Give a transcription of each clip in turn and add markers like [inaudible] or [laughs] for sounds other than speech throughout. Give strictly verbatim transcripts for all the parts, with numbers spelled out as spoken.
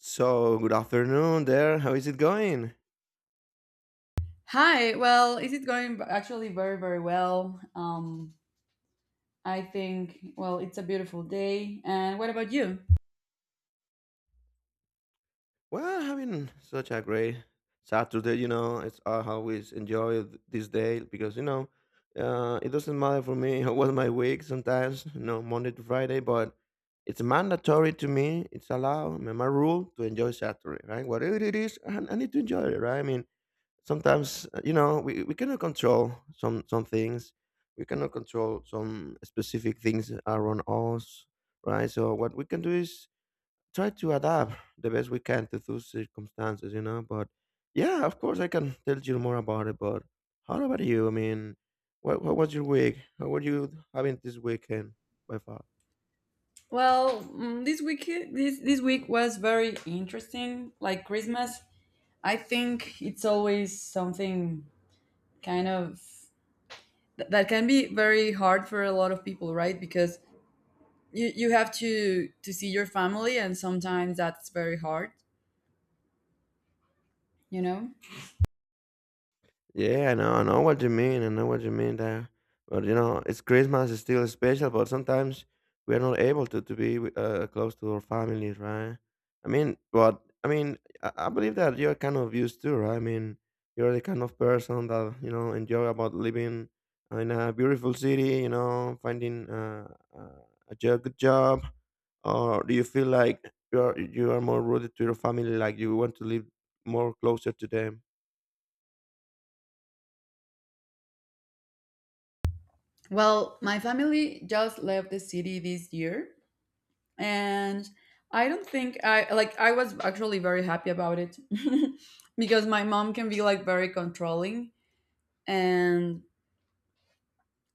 So, good afternoon there. How is it going? Hi. Well, is it going b- actually very, very well? Um, I think. Well, it's a beautiful day. And what about you? Well, having such a great Saturday, you know. It's I always enjoy th- this day because, you know, uh, it doesn't matter for me [laughs] how was my week sometimes, you know, Monday to Friday, but it's mandatory to me. It's allowed, my my rule to enjoy Saturday, right? Whatever it is, I I need to enjoy it, right? I mean, sometimes uh, you know we, we cannot control some some things we cannot control some specific things around us, right? So what we can do is try to adapt the best we can to those circumstances, you know. But yeah, of course I can tell you more about it. But how about you? I mean, what, what was your week? How were you having this weekend by far? Well, mm, this week this this week was very interesting. Like Christmas, I think it's always something kind of th- that can be very hard for a lot of people, right? Because you you have to to see your family, and sometimes that's very hard. You know. Yeah, I know, I know what you mean. I know what you mean there. But you know, it's Christmas is still special, but sometimes we are not able to to be wi- uh, close to our families, right? I mean, but I mean, I, I believe that you're kind of used to, right? I mean, you're the kind of person that you know enjoy about living in a beautiful city, you know, finding uh, uh, a jo- good job, or do you feel like you are you are more rooted to your family, like you want to live more closer to them? Well, my family just left the city this year, and I don't think I like, I was actually very happy about it [laughs] because my mom can be like very controlling. And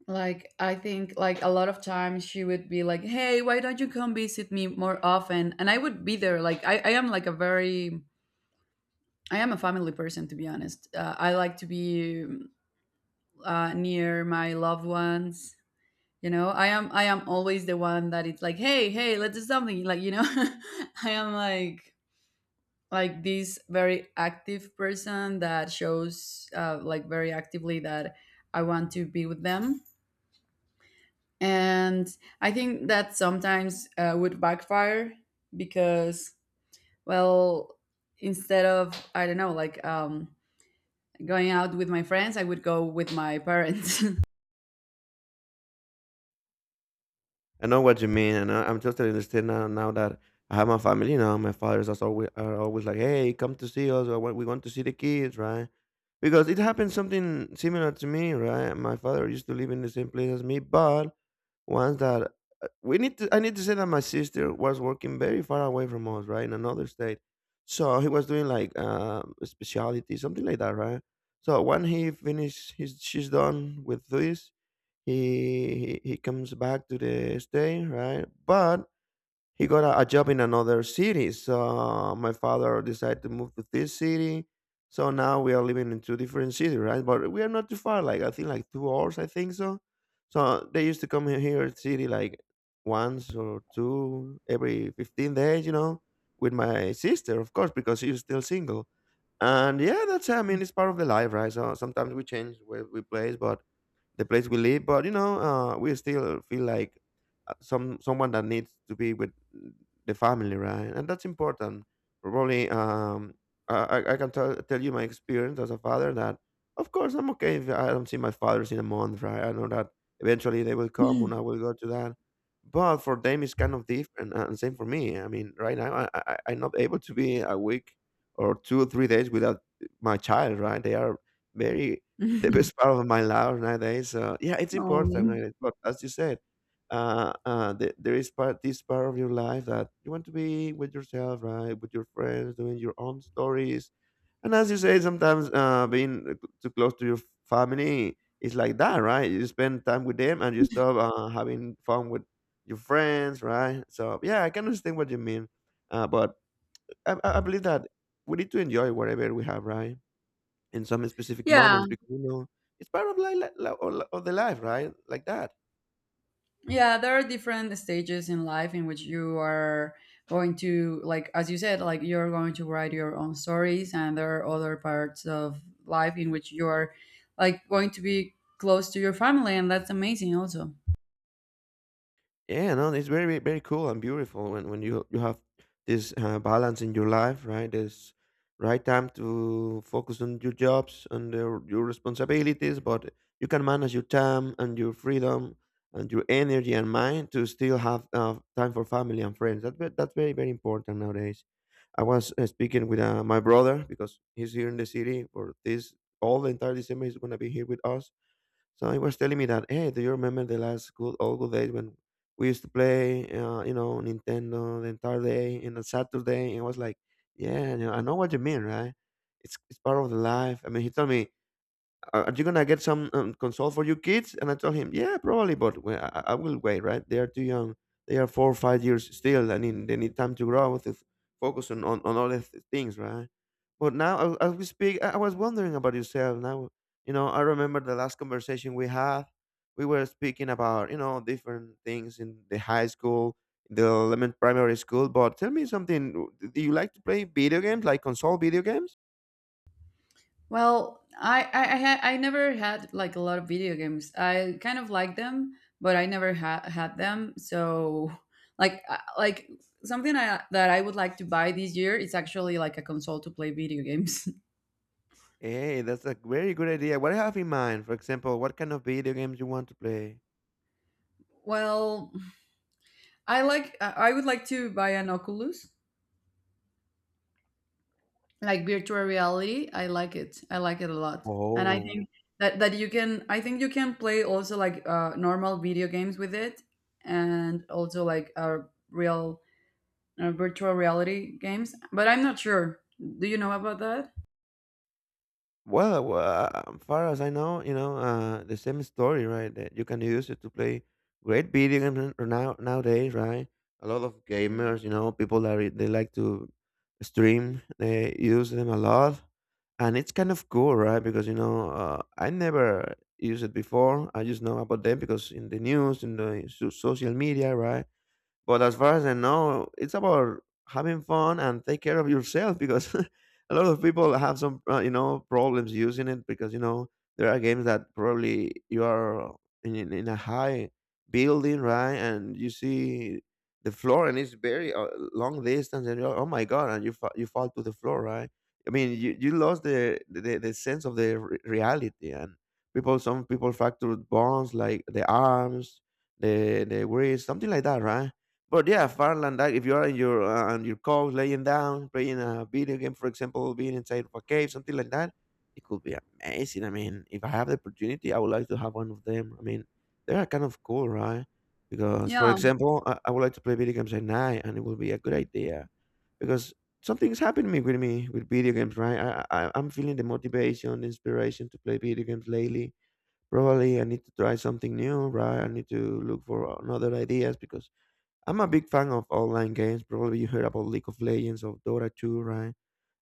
like, I think like a lot of times she would be like, "Hey, why don't you come visit me more often?" And I would be there like, i, I am like a very, I am a family person, to be honest. uh, I like to be uh, near my loved ones, you know. i am I am always the one that it's like, "Hey, hey, let's do something," like, you know. [laughs] I am like like this very active person that shows, uh, like very actively that I want to be with them. And I think that sometimes uh, would backfire because, well, instead of, I don't know, like, um, going out with my friends, I would go with my parents. [laughs] I know what you mean, and I, I'm totally understand now, now that I have my family. You know, my fathers are always, are always like, "Hey, come to see us. Or, we want to see the kids, right?" Because it happened something similar to me, right? My father used to live in the same place as me, but once that uh, we need to, I need to say that my sister was working very far away from us, right, in another state. So he was doing like uh, a speciality, something like that, right? So when he finished, his, she's done with this, he, he he comes back to the state, right? But he got a, a job in another city. So my father decided to move to this city. So now we are living in two different cities, right? But we are not too far. Like I think like two hours. I think so. So they used to come he- here at city like once or two every fifteen days, you know, with my sister, of course, because she's still single. And yeah, that's I mean it's part of the life, right? So sometimes we change where we place, but the place we live. But you know, uh, we still feel like uh, some someone that needs to be with the family, right? And that's important. Probably, um, I, I I can tell tell you my experience as a father that, of course, I'm okay if I don't see my fathers in a month, right? I know that eventually they will come and I will go to that. But for them, it's kind of different, uh, and same for me. I mean, right now, I, I I'm not able to be a week or two or three days without my child, right? They are very the best [laughs] part of my life nowadays. So yeah, it's important, um, right? But as you said, uh, uh, the, there is part this part of your life that you want to be with yourself, right? With your friends, doing your own stories, and as you say, sometimes uh, being too close to your family is like that, right? You spend time with them, and you stop uh, having fun with your friends, right? So yeah, I can understand what you mean, uh, but I, I, I believe that we need to enjoy whatever we have, right? In some specific yeah, moments because you know it's part of like, li- li- or, or the life, right? Like that. yeah, there are different stages in life in which you are going to, like as you said, like you're going to write your own stories, and there are other parts of life in which you're like going to be close to your family, and that's amazing also. Yeah, no, it's very very cool and beautiful when when you you have this uh, balance in your life, right? There's right time to focus on your jobs and the, your responsibilities, but you can manage your time and your freedom and your energy and mind to still have uh, time for family and friends. That ve- that's very very important nowadays. I was uh, speaking with uh, my brother because he's here in the city for this all the entire December. He's gonna be here with us, so he was telling me that, "Hey, do you remember the last good old good days when we used to play, uh, you know, Nintendo the entire day and on Saturday?" And I was like, yeah, you know, I know what you mean, right? It's it's part of the life. I mean, he told me, are are you gonna get some um, console for your kids?" And I told him, yeah, probably, but we- I, I will wait. Right? They are too young. They are four or five years still. I mean, they need time to grow to f- focus on on, on other th- things, right? But now, as, as we speak, I, I was wondering about yourself. Now, you know, I remember the last conversation we had. We were speaking about you know different things in the high school, the elementary primary school. But tell me something. Do you like to play video games, like console video games? Well, i i i, had, I never had like a lot of video games. I kind of liked them, but I never ha- had them. So like I- like something I, that I would like to buy this year is actually like a console to play video games. Hey, that's a very good idea. What do you have in mind? For example, what kind of video games you want to play? [laughs] Well, I like. I I would like to buy an Oculus, like virtual reality. I like it. I like it a lot, and I Oh, think that that you can. I think you can play also like uh, normal video games with it, and also like uh, real uh, virtual reality games. But I'm not sure. Do you know about that? well, w- uh, as far as I know, you know, uh, the same story, right? That you can use it to play great video games n- now nowadays, right? A lot of gamers, you know, people that re- they like to stream, they use them a lot, and it's kind of cool, right? Because you know, uh, I never used it before. I just know about them because in the news, in the so- social media, right? But as far as I know, it's about having fun and take care of yourself because [laughs] a lot of people have some, uh, you know, problems using it because, you know, there are games that probably you are in, in, in a high building, right? And you see the floor and it's very uh, long distance and you're, oh my God, and you, fa- you fall to the floor, right? I mean, you, you lost the, the, the sense of the re- reality and people, some people fractured bones like the arms, the, the wrist, something like that, right? But yeah, farland, that if you are in your uh, on your couch, laying down, playing a video game, for example, being inside of a cave, something like that, it could be amazing. I mean, if I have the opportunity, I would like to have one of them. I mean, they are kind of cool, right? Because, for Yeah. example, I, I would like to play video games at night, and it would be a good idea because something's happening with me with video games, right? I, I I'm feeling the motivation, the inspiration to play video games lately. Probably I need to try something new, right? I need to look for another ideas because I'm a big fan of online games. Probably you heard about League of Legends or Dota two, right?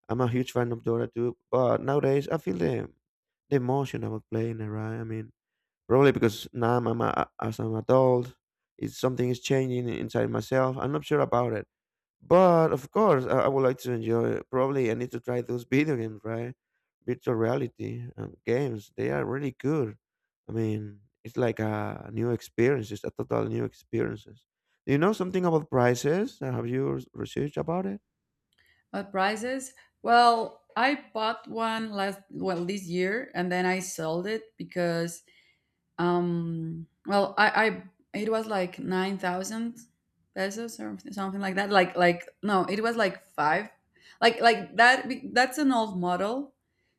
I'm a huge fan of Dota two, but nowadays I feel the the emotion about playing it, right? I mean, probably because now I'm, a, as an adult, it's something is changing inside myself. I'm not sure about it. But of course, I, I would like to enjoy. Probably I need to try those [laughs] video games, right? Virtual reality um, games. They are really good. I mean, it's like a new experience. It's a total new experiences. Do you know something about prices? Uh, Have you res- researched about it? What prices? Well, I bought one last, well, this year, and then I sold it because, um well I I it was like nine thousand pesos or something like that, like like no, it was like five, like like that be- that's an old model.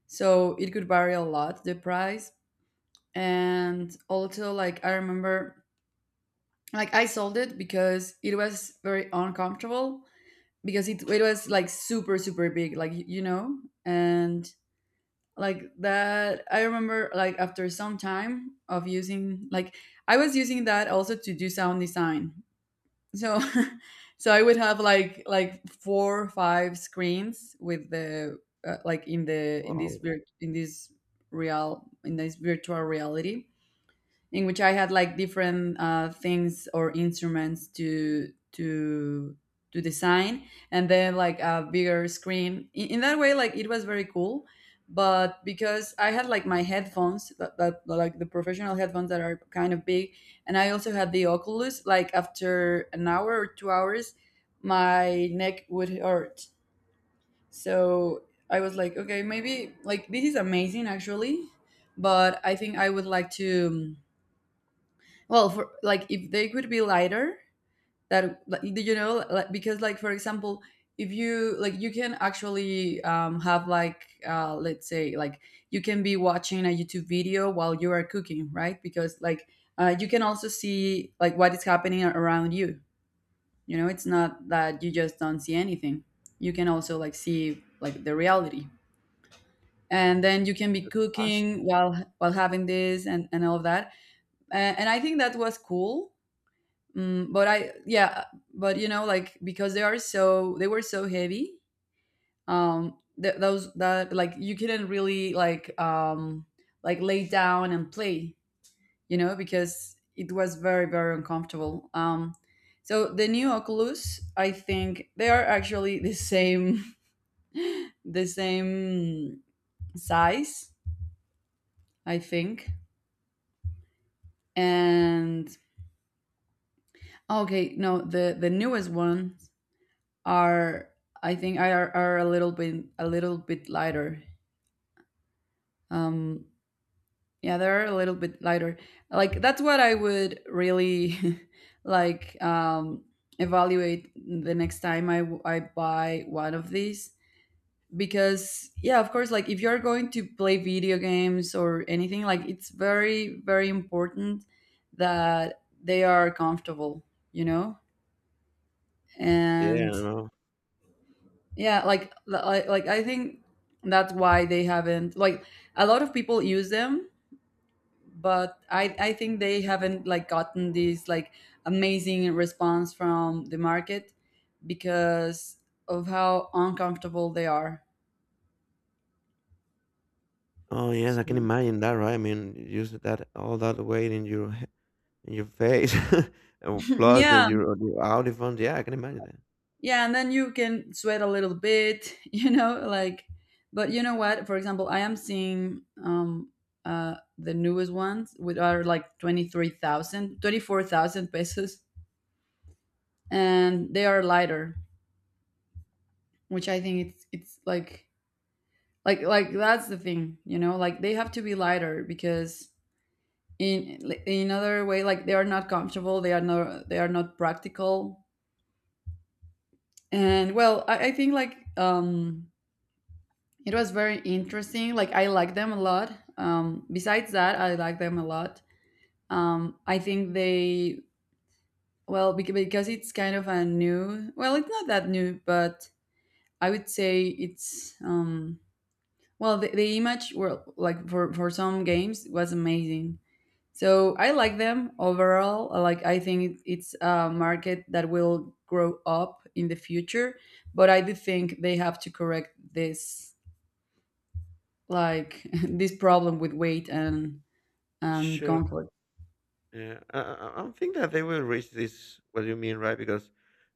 So it could vary a lot, the price. And also like I remember, like I sold it because it was very uncomfortable because it, it was like super super big, like, y- you know. And like that, I remember like after some time of using, like I was using that also to do sound design. So [laughs] so I would have like like four or five screens with the, uh, like in the, in this Oh, vir- in this real, in this virtual reality, in which I had like different uh, things or instruments to to to design, and then like a bigger screen. In, in that way, like it was very cool. But because I had like my headphones, that, that like the professional headphones that are kind of big, and I also had the Oculus. Like after an hour or two hours, my neck would hurt. So I was like, okay, maybe like this is amazing actually, but I think I would like to, um, well, for like if they could be lighter, that, like, do you know, like, because like for example, if you like, you can actually um, have like, uh, let's say like you can be watching a YouTube video while you are cooking, right? Because like uh, you can also see like what is happening a- around you. You know, it's not that you just don't see anything. You can also like see like the reality. And then you can be awesome! cooking while while having this and, and all of that. Uh, and I think that was cool. Mm, but I, yeah, but you know, like because they are so, they were so heavy. Um, th- those that, like you couldn't really like, um like lay down and play, you know, because it was very very uncomfortable. Um, so the new Oculus, I think they are actually the same [laughs] the same size, I think, and okay, no, the the newest one are, I think are, are a little bit, a little bit lighter. Um, yeah, they're a little bit lighter. Like that's what I would really [laughs] like, um, evaluate the next time I w- I buy one of these, because yeah, of course, like if you're going to play video games or anything, like it's very very important that they are comfortable, you know, Yeah, I and know. yeah, like I, like I think that's why they haven't like, a lot of people use them, but I I think they haven't like gotten this like amazing response from the market because of how uncomfortable they are. Oh yes, I can So imagine that, right? I mean, use that all that weight in your he- in your face, [laughs] and [laughs] plus that yeah, your your audiophone. Yeah, I can imagine that. yeah, and then you can sweat a little bit, [laughs] you know, like, but you know what? For example, I am seeing um uh the newest ones with are like twenty three thousand, twenty four thousand pesos, and they are lighter, which I think it's it's like, like like that's the thing, you know, like they have to be lighter because in in other way, like they are not comfortable, they are not, they are not practical. And well, I, I think like, um it was very interesting. Like I like them a lot. Um besides that, I like them a lot. Um I think they, well bec- because it's kind of a new, well it's not that new, but I would say it's, um well, the, the image were like for for some games was amazing. So I like them overall. I Like I think it- it's a market that will grow up in the future, but I do think they have to correct this like [laughs] this problem with weight and and Sure. comfort. Yeah, I, I, I I think that they will reach this. What you mean, right? Because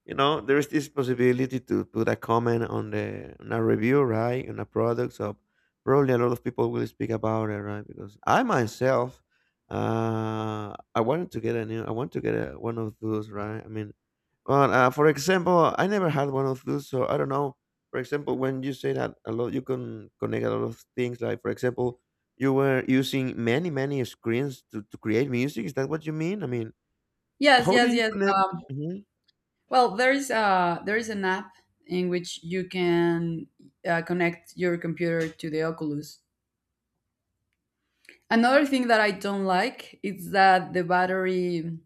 you know there is this possibility to put a comment on the on a review, right, on a product. So probably a lot of people will speak about it, right? Because I myself, uh, I wanted to get a new. I want to get a, one of those, right? I mean, well, uh, for example, I never had one of those, so I don't know. For example, when you say that a lot, you can connect a lot of things. Like, for example, you were using many, many screens to, to create music. Is that what you mean? I mean, Yes, how do yes, you yes. connect? Um, Mhm. well, there is uh there is an app in which you can uh, connect your computer to the Oculus. Another thing that I don't like is that the battery,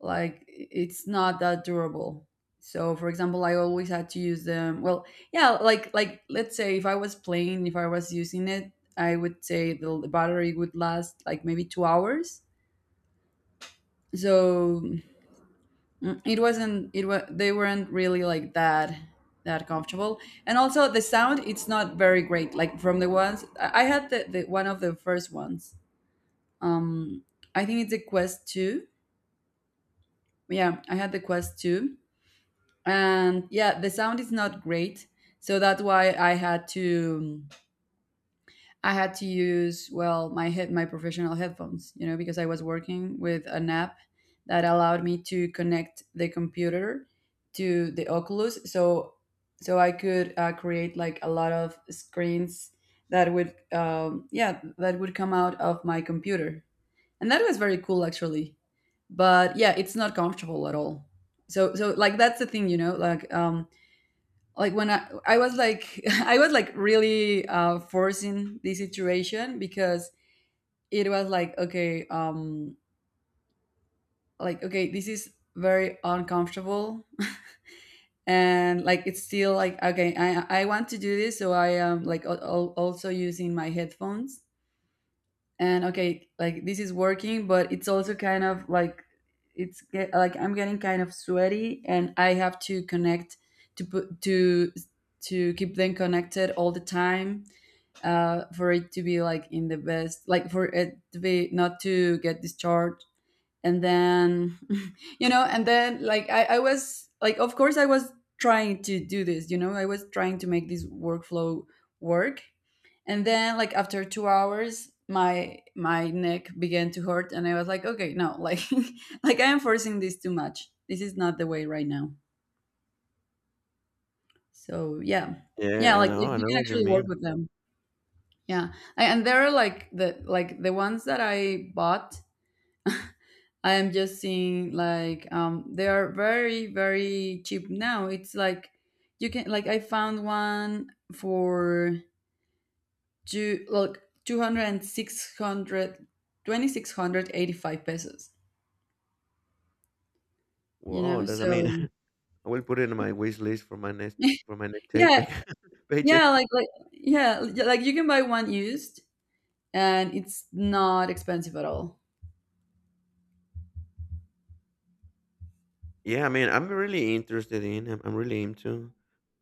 like, it's not that durable. So, for example, I always had to use them. Well, yeah, like like let's say if I was playing, if I was using it, I would say the, the battery would last like maybe two hours. So mm, it wasn't it was, they weren't really like that, that comfortable. And also the sound, it's not very great. Like from the ones I I had the, the, one of the first ones, um I think it's a Quest two. Yeah, I had the Quest two, and yeah, the sound is not great. So that's why i had to I had to use, well my head, my professional headphones, you know, because I was working with an app that allowed me to connect the computer to the Oculus, so so I could uh, create like a lot of screens that would, um, yeah, that would come out of my computer, and that was very cool actually. But yeah, it's not comfortable at all. So, so like that's the thing, you know, like, um like when I I was like [laughs] I was like really uh forcing the situation, because it was like okay, um like okay, this is very uncomfortable [laughs] and like it's still like okay, i i want to do this, so I am like al- al- also using my headphones, and okay, like this is working, but it's also kind of like, it's get, like I'm getting kind of sweaty, and I have to connect, to put to to keep them connected all the time, uh, for it to be like in the best, like for it to be not to get discharged, and then [laughs] you know, and then like I, I was like, of course I was trying to do this, you know, I was trying to make this workflow work. And then like after two hours, my my neck began to hurt, and I was like okay, no, like [laughs] like I am forcing this too much, this is not the way right now. So yeah, yeah, Yeah, I like know, if I you know can what you actually work mean. with them, yeah. A- and there are like the like the ones that I bought, I am just seeing like, um they are very very cheap now, it's like you can, like I found one for two, look, two hundred and six hundred, twenty six hundred eighty five pesos, you Wow, know, that's, I mean, so [laughs] I will put it in my wish list for my next [laughs] for my next yeah, paycheck. [laughs] yeah, Paycheck. like like yeah, yeah, like you can buy one used and it's not expensive at all. Yeah, I mean, I'm really interested in. I'm, I'm really into.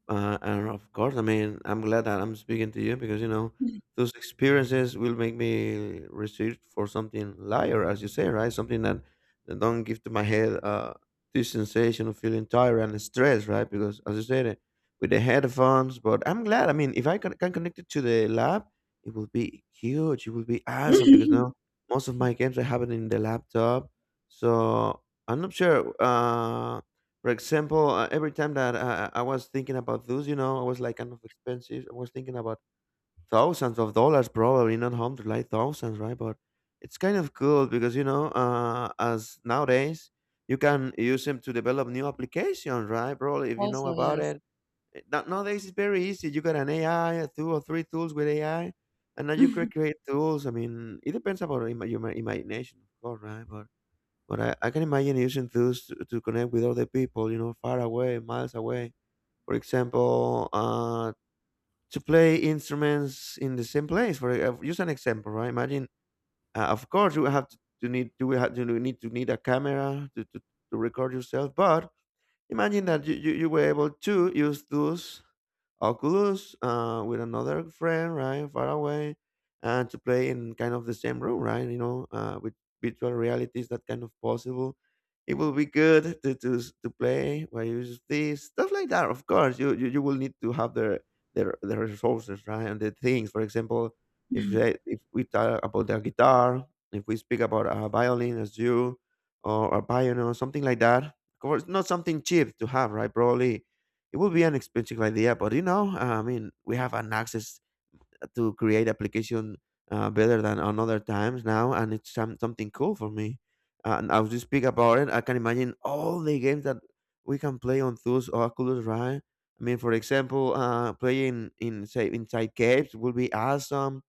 Uh, and of course, I mean, I'm glad that I'm speaking to you because you know those experiences will make me research for something lighter, as you say, right? Something that, that don't give to my head uh this sensation of feeling tired and stressed, right? Because as you said, eh, with the headphones. But I'm glad. I mean, if I can, can connect it to the lab, it will be huge. It will be awesome because now [laughs] most of my games I have it in the laptop, so I'm not sure. Uh, for example, uh, every time that I, I was thinking about those, you know, I was like kind of expensive. I was thinking about thousands of dollars, probably not hundreds, like thousands, right? But it's kind of cool because you know, uh, as nowadays you can use them to develop new applications, right? Probably if you know Also, about yes. it. Eh, now- Nowadays it's very easy. You got an A I, two or three tools with A I, and now you can [laughs] create tools. I mean, it depends about ima- your ima- imagination, of course, right? But but I, I can imagine using those to, to connect with other people, you know, far away, miles away. For example, uh, to play instruments in the same place. For e, uh, use an example, right? Imagine, uh, of course, you have to, to need you have to need to need a camera to, to, to record yourself. But imagine that you, you, you were able to use those. Oculus uh, with another friend, right, far away, and to play in kind of the same room, right? You know, uh, with virtual reality is that kind of possible. It will be good to to, s- to play where you use this stuff like that. Of course, you, you, you will need to have the the the resources, right, and the things. For example, if they, if we talk about the guitar, if we speak about a violin as you or a piano, something like that. Of course, not something cheap to have, right? Probably it would be an expensive idea, but you know, uh, I mean, we have an access to create application uh, better than on other times now, and it's some, something cool for me. Uh, And as we speak about it, I can imagine all the games that we can play on those Oculus, right? I mean, for example, uh, playing in say inside caves would be awesome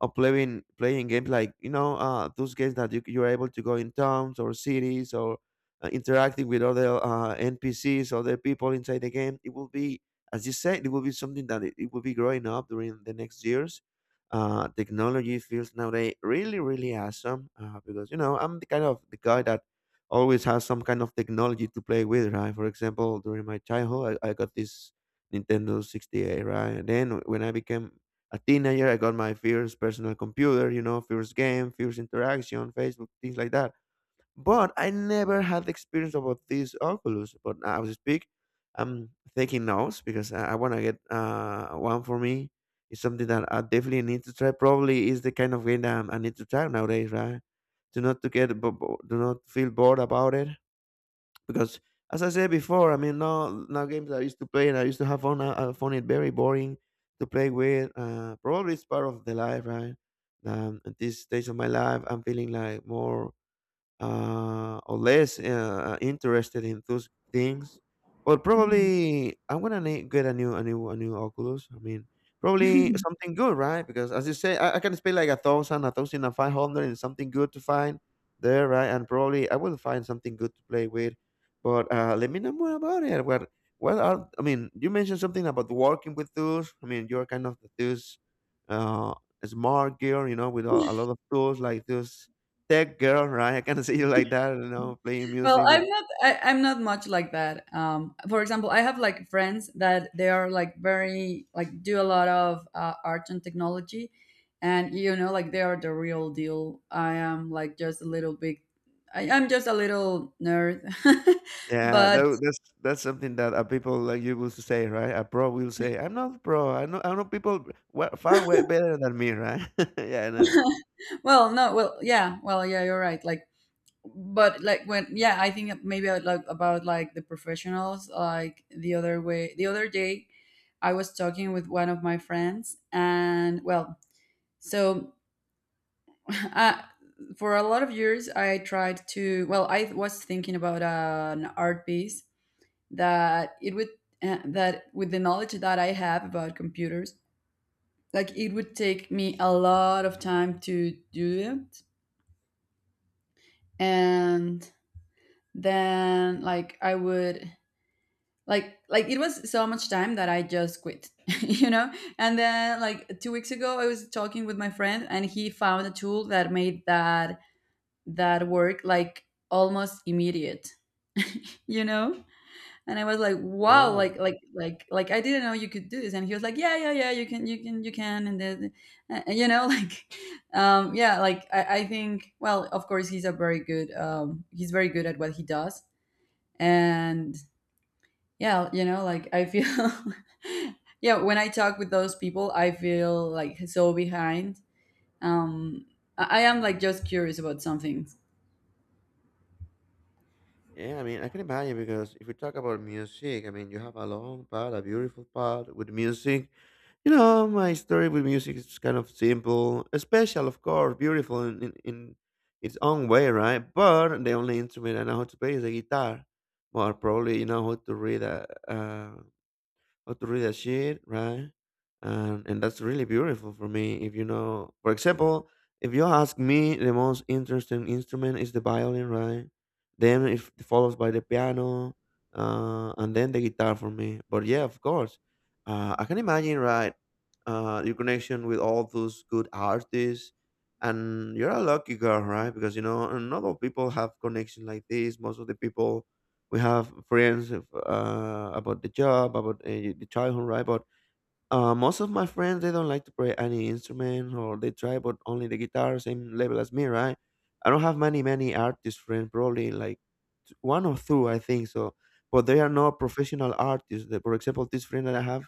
or playing playing games like you know, uh, those games that you, you're able to go in towns or cities or uh, interacting with other uh, N P Cs, other people inside the game. It will be, as you said, it will be something that it, it will be growing up during the next years. Uh, technology feels nowadays really, really awesome uh, because you know I'm the kind of the guy that always has some kind of technology to play with, right? For example, during my childhood, I, I got this Nintendo six eight, right? And then when I became a teenager, I got my first personal computer, you know, first game, first interaction, Facebook, things like that. But I never had the experience about this Oculus. But as I speak, I'm taking notes because I, I want to get uh, one for me. It's something that I definitely need to try. Probably is the kind of game that I need to try nowadays, right? To not to get, bo- bo- do not feel bored about it because as I said before, I mean, now now games I used to play and I used to have fun. I, I found it very boring to play with. Uh, probably it's part of the life, right? Um, at this stage of my life, I'm feeling like more uh, or less, uh, uh, interested in those things. But Mhm. probably I'm gonna need, get a new, a new, a new Oculus. I mean, probably [laughs] something good, right? Because as you say, I, I can spend like a thousand, a thousand and five hundred, and something good to find there, right? And probably I will find something good to play with. But uh, let me know more about it. What, what are? I mean, you mentioned something about working with tools. I mean, you're kind of the tools, uh, smart gear, you know, with a, a lot of tools like those Tech girl, right? I can [laughs] see you like that, you know, playing Well, music with. I'm not. I, I'm not much like that. Um, for example, I have like friends that they are like very like do a lot of uh, art and technology, and you know like they are the real deal. I am like just a little big. I, I'm just a little nerd, [laughs] Yeah, but tha that's that's something that, uh, people like you will say, right? A pro will say, "I'm not pro. I know I know people we far way better than me," right? [laughs] Yeah, I know. well, no, well, yeah, well, yeah, you're right. Like, but like when yeah, I think maybe I like about like the professionals. Like the other way, the other day, I was talking with one of my friends, and well, so, [laughs] uh, for a lot of years, I tried to. Well, I was thinking about an art piece that it would, uh, that with the knowledge that I have about computers, like it would take me a lot of time to do it. And then like I would, like like it was so much time that I just quit, [laughs] you know. And then like two weeks ago, I was talking with my friend, and he found a tool that made that that work like almost immediate, you know and I was like, wow, Woah. like like like like I didn't know you could do this. And he was like, yeah yeah yeah, you can you can you can. And then uh, uh, you know [laughs] like um yeah, like I, I think, well, of course he's a very good, um he's very good at what he does. And yeah, you know like I feel. [laughs] Yeah, when I talk with those people, I feel like so behind. Um i I am like just curious about some things. Yeah, I mean, I can imagine because if we talk about music, I mean, you have a long part, a beautiful part with music. You know, my story with music is kind of simple, special, of course, beautiful in, in, in its own way, right? But the only instrument I know how to play is the guitar. Well, probably you know how to read a, a how to read a sheet, right? And and that's really beautiful for me. If you know, for example, if you ask me, the most interesting instrument is the violin, right? Then it follows by the piano, uh, and then the guitar for me. But yeah, of course, uh, I can imagine, right? Uh, your connection with all those good artists, and you're a lucky girl, right? Because you know, not all people have connection like this. Most of the people we have friends of, uh, about the job, about uh, the childhood, right? But uh, most of my friends they don't like to play any instrument, or they try but only the guitar, same level as me, right? I don't have many many artist friends, probably like t- one or two, I think so. But they are not professional artists. The- For example, this friend that I have,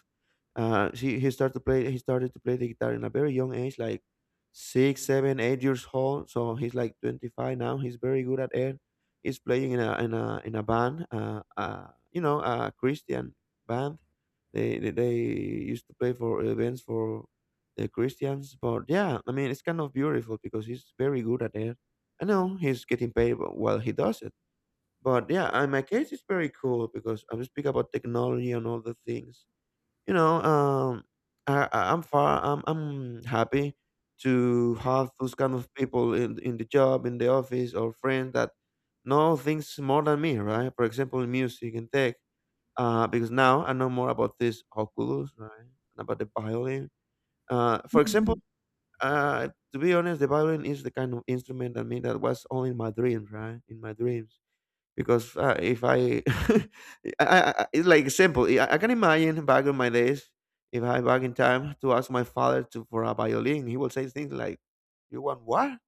uh, he, he started to play he started to play the guitar in a very young age like six seven eight years old, so he's like twenty-five now. He's very good at it. He's playing in a in a in a band, uh, uh you know, a Christian band. They they, they used to play for events for the Christians. But yeah, I mean, it's kind of beautiful because he's very good at it. I know he's getting paid while he does it. But yeah, in my case, it's very cool because I will speak about technology and all the things, you know, um, I, I- I'm far, I'm, I'm happy to have those kind of people in in the job, in the office, or friends that know things more than me, right? For example, in music and tech, uh, because now I know more about this Oculus, right, and about the violin. Uh, for example, Mhm. uh, to be honest, the violin is the kind of instrument that me that was only in my dreams, right? In my dreams because, uh, if I, [laughs] I, I I- it's like simple. I, I can imagine back in my days, if I back in time to ask my father to for a violin, he will say things like, "You want what?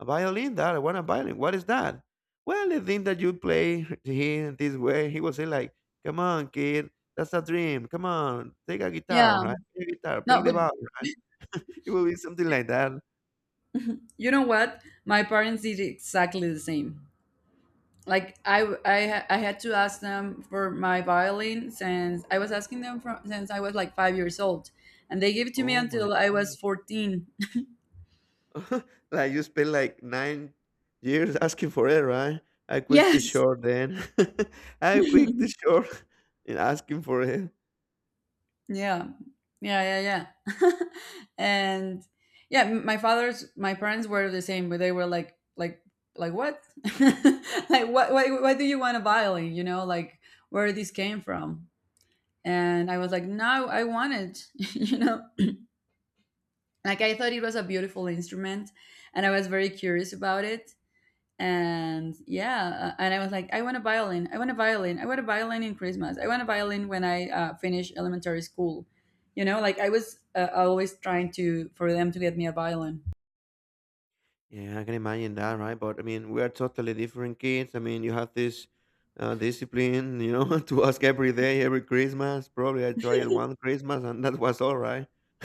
A violin? Dad, I want a violin. What is that? Well, the thing that you play [laughs] here this way." He will say like, "Come on, kid, that's a dream. Come on, take a guitar, Yeah. right? Play a guitar, play No, the but violin, right?" [laughs] It will be something like that. you know what? My parents did exactly the same. Like I, w- I, ha- I had to ask them for my violin, since I was asking them from since I was like five years old, and they gave it to me Oh my until I was god. fourteen. [laughs] [laughs] Like you spent like nine years asking for it, right? I quit the Yes. short then. [laughs] [laughs] I quit the Yeah. short [laughs] in asking for it. Yeah. Yeah. Yeah. [laughs] And yeah, m- my father's, my parents were the same, but they were like, like, like what? [laughs] Like what? Why, why do you want a violin? You know, like where this came from? And I was like, no, I want it. [laughs] you know like I thought it was a beautiful instrument, and I was very curious about it. And yeah, uh, and I was like, I want a violin, I want a violin, I want a violin in Christmas, I want a violin when I uh, finish elementary school. You know like I was uh, always trying to for them to get me a violin. Yeah, I can imagine that, right? But I mean, we are totally different kids. I mean, you have this, uh, discipline, you know, [laughs] to ask every day, every Christmas. Probably I tried one Christmas and that was all right. [laughs]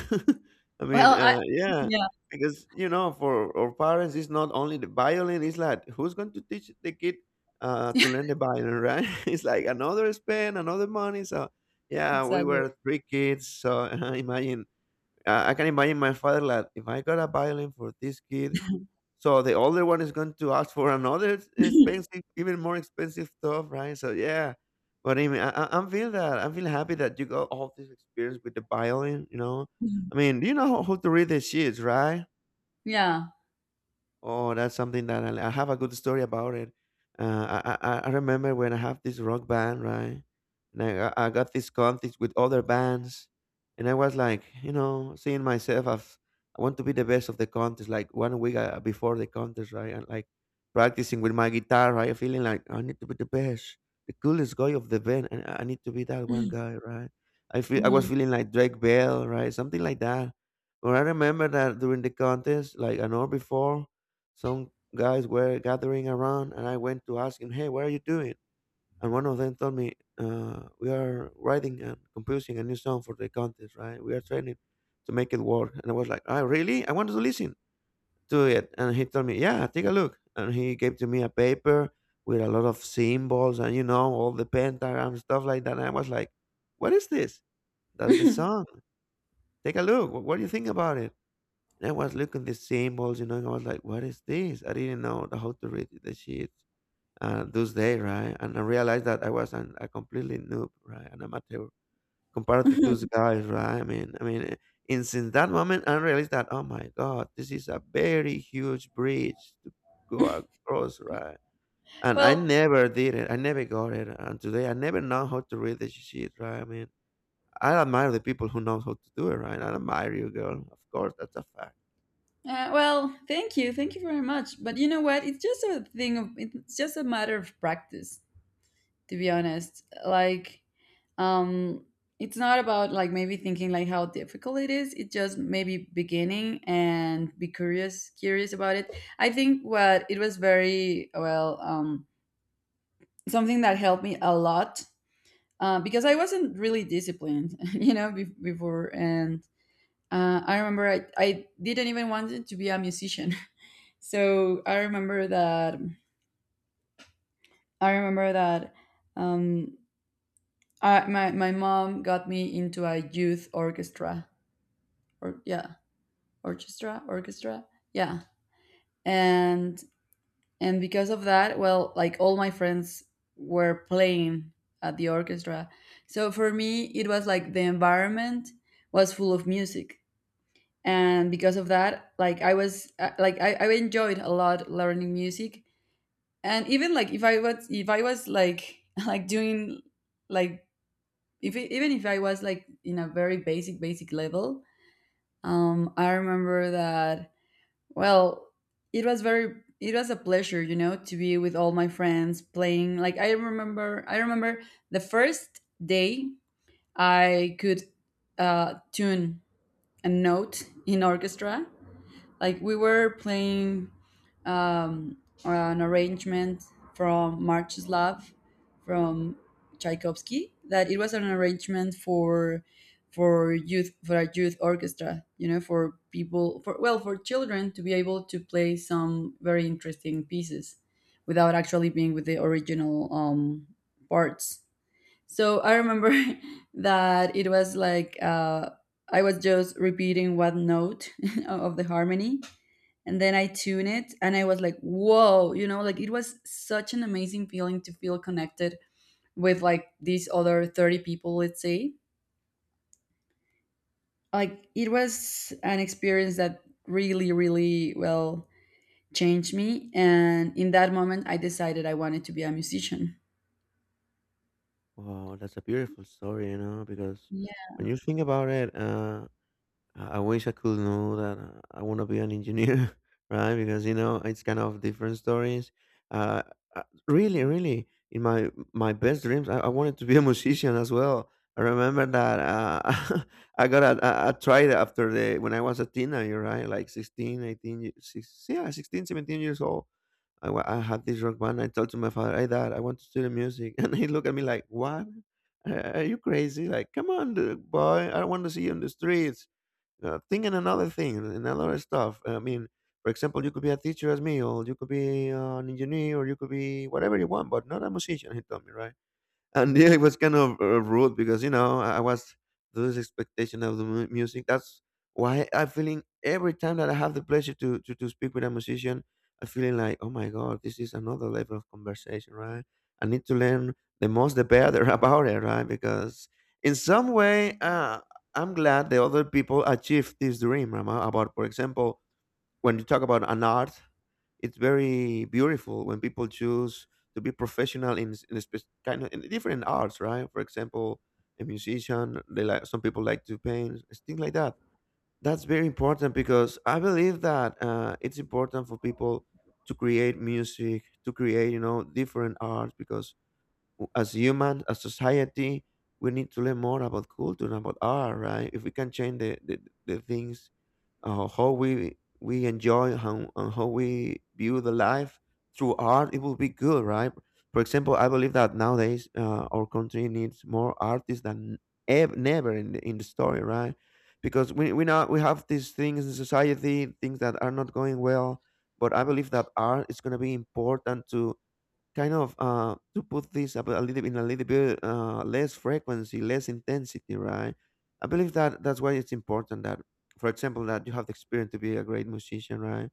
I Well, mean, I, uh, yeah, yeah. because, you know, for our parents, it's not only the violin, it's like, who's going to teach the kid, uh, to [laughs] learn the violin, right? [laughs] It's like another spend, another money. So, yeah, we Exactly. [laughs] were three kids. So, [laughs] imagine, uh, I can imagine my father, like, if I got a violin for this kid, so the older one is going to ask for another expensive, even more expensive stuff, right? So yeah, but I mean, I, I- I'm feel that I'm feel happy that you got all this experience with the violin. You know, I mean, you know who to read the sheets, right? Yeah. Oh, that's something that I, I have a good story about it. Uh, I, I I remember when I have this rock band, right? And I I got this contest with other bands, and I was like, you know, seeing myself as I want to be the best of the contest. Like one week uh, before the contest, right? And like practicing with my guitar, right? Feeling like I need to be the best, the coolest guy of the band, and I I need to be that one guy, right? I feel I was Mhm. feeling like Drake Bell, right? Something like that. But I remember that during the contest, like an hour before, some guys were gathering around, and I went to ask him, "Hey, what are you doing?" And one of them told me, uh, "We are writing and composing a new song for the contest, right? We are trying to make it work." And I was like, "Oh, really? I wanted to listen to it." And he told me, "Yeah, take a look." And he gave to me a paper with a lot of symbols and you know all the pentagram stuff like that. And I was like, "What is this? That's the song. [laughs] Take a look. What what do you think about it?" And I was looking the symbols, you know, and I was like, what is this? I didn't know how to read the sheets uh, those days, right? And I realized that I was an, a completely noob, right? An amateur compared to those guys, right? I mean, I mean, and since that moment, I realized that, oh my God, this is a very huge bridge to go across, right? And I well never did it. I never got it. And today, I never know how to read the sheet, right? I mean, I admire the people who know how to do it, right? I admire you, girl. Of course, that's a fact. Uh, well, thank you, thank you very much. But you know what? It's just a thing of, it's just a matter of practice, to be honest. Like, um, it's not about like maybe thinking like how difficult it is. It just maybe beginning and be curious, curious about it. I think what it was very well, um, something that helped me a lot, uh, because I wasn't really disciplined, [laughs] you know, be- before and. Uh, I remember I, I didn't even want to be a musician. So I remember that I remember that um, I, my my mom got me into a youth orchestra, or yeah, orchestra orchestra, yeah. And and because of that, well, like all my friends were playing at the orchestra, so for me it was like the environment was full of music. And because of that, like I was uh, like I, I enjoyed a lot learning music. And even like if i was if i was like [laughs] like doing, like if even if I was like in a very basic basic level. Um i remember that, well, it was very it was a pleasure, you know to be with all my friends playing. Like i remember i remember the first day I could uh tune a note in orchestra. Like we were playing um, an arrangement from March's Love, from Tchaikovsky. That it was an arrangement for for youth for a youth orchestra. You know, for people for well for children to be able to play some very interesting pieces without actually being with the original um, parts. So I remember [laughs] that it was like, uh, I was just repeating one note [laughs] of the harmony. And then I tune it, and I was like, whoa, you know, like it was such an amazing feeling to feel connected with like these other thirty people, let's say. Like it was an experience that really, really, well, changed me. And in that moment, I decided I wanted to be a musician. Wow, that's a beautiful story, you know, because when you think about it, uh, I I wish I could know that uh, I want to be an engineer, [laughs] right? Because you know, it's kind of different stories. Uh, uh, really, Really, in my my best dreams, I, I wanted to be a [laughs] musician as well. I remember that uh, [laughs] I got a, a, a tried after the when I was a teenager, right? Like sixteen, eighteen, six, yeah, sixteen, seventeen years old. I, wa- I had this rock band. I told to my father, "Hey, Dad, I want to study music," [laughs] and he looked at me like, "What? Uh, Are you crazy? Like, come on, d- boy! I don't want to see you in the streets. Uh, thinking another thing, another stuff. I mean, for example, you could be a teacher as me, or you could be uh, an engineer, or you could be whatever you want, but not a musician." He told me, right? And [laughs] yeah, it was kind of uh, rude because you know I I was this expectation of the mu- music. That's why I'm feeling every time that I have the pleasure to to, to speak with a musician, I'm feeling like, oh my god, this is another level of conversation, right? I need to learn the most the better [laughs] about it, right? Because in some way, uh, I'm glad the other people achieved this dream, Rama. About for example, when you talk about an art, it's very beautiful when people choose to be professional in, s- in a spec- kind of in different arts, right? For example, a musician, they like some people like to paint, s- things like that. That's very important because I believe that uh, it's important for people to create music, to create you know different arts because w- as human, as society, we need to learn more about culture and about art, right? If we can change the, the, the things uh, how we we enjoy how, and how we view the life through art, it will be good, right? For example, I believe that nowadays, uh, our country needs more artists than ev- never in the, in the story, right? Because we we now we have these things in society, things that are not going well, but I believe that art is going to be important to kind of uh to put this up a little in a little bit, uh less frequency, less intensity, right? I believe that that's why it's important that for example that you have the experience to be a great musician, right?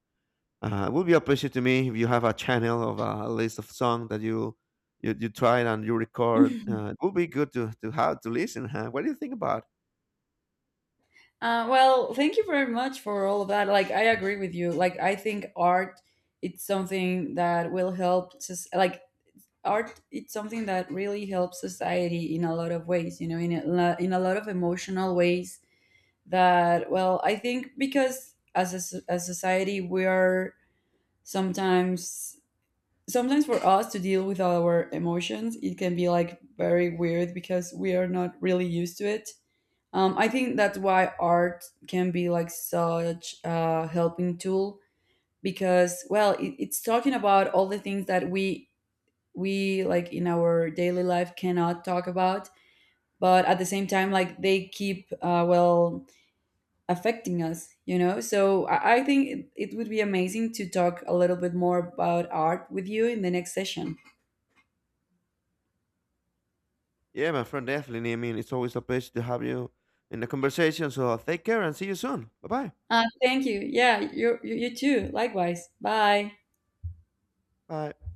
uh, It would be a pleasure to me if you have a channel of a list of songs that you you, you try and you record. Yeah. Uh, [laughs] it would be good to to have to listen, huh? What do you think about? Uh, well, thank you very much for all of that. Like, I agree with you. Like, I think art, it's something that will help. Just, like, art, it's something that really helps society in a lot of ways, you know in a, lo- in a lot of emotional ways, that, well, I think, because as a, s- as society, we are sometimes sometimes for us to deal with our emotions. It can be like very weird because we are not really used to it. Um, i think that's why art can be like such a helping tool, because, well, it, it's talking about all the things that we we like in our daily life cannot talk about, but at the same time like they keep uh, well affecting us, you know so i, I think it, it would be amazing to talk a little bit more about art with you in the next session. Yeah, my friend, definitely. I mean, it's always a pleasure to have you in the conversation, so take care and see you soon. Bye bye. Uh, thank you. Yeah, you, you you too, likewise. Bye. Bye.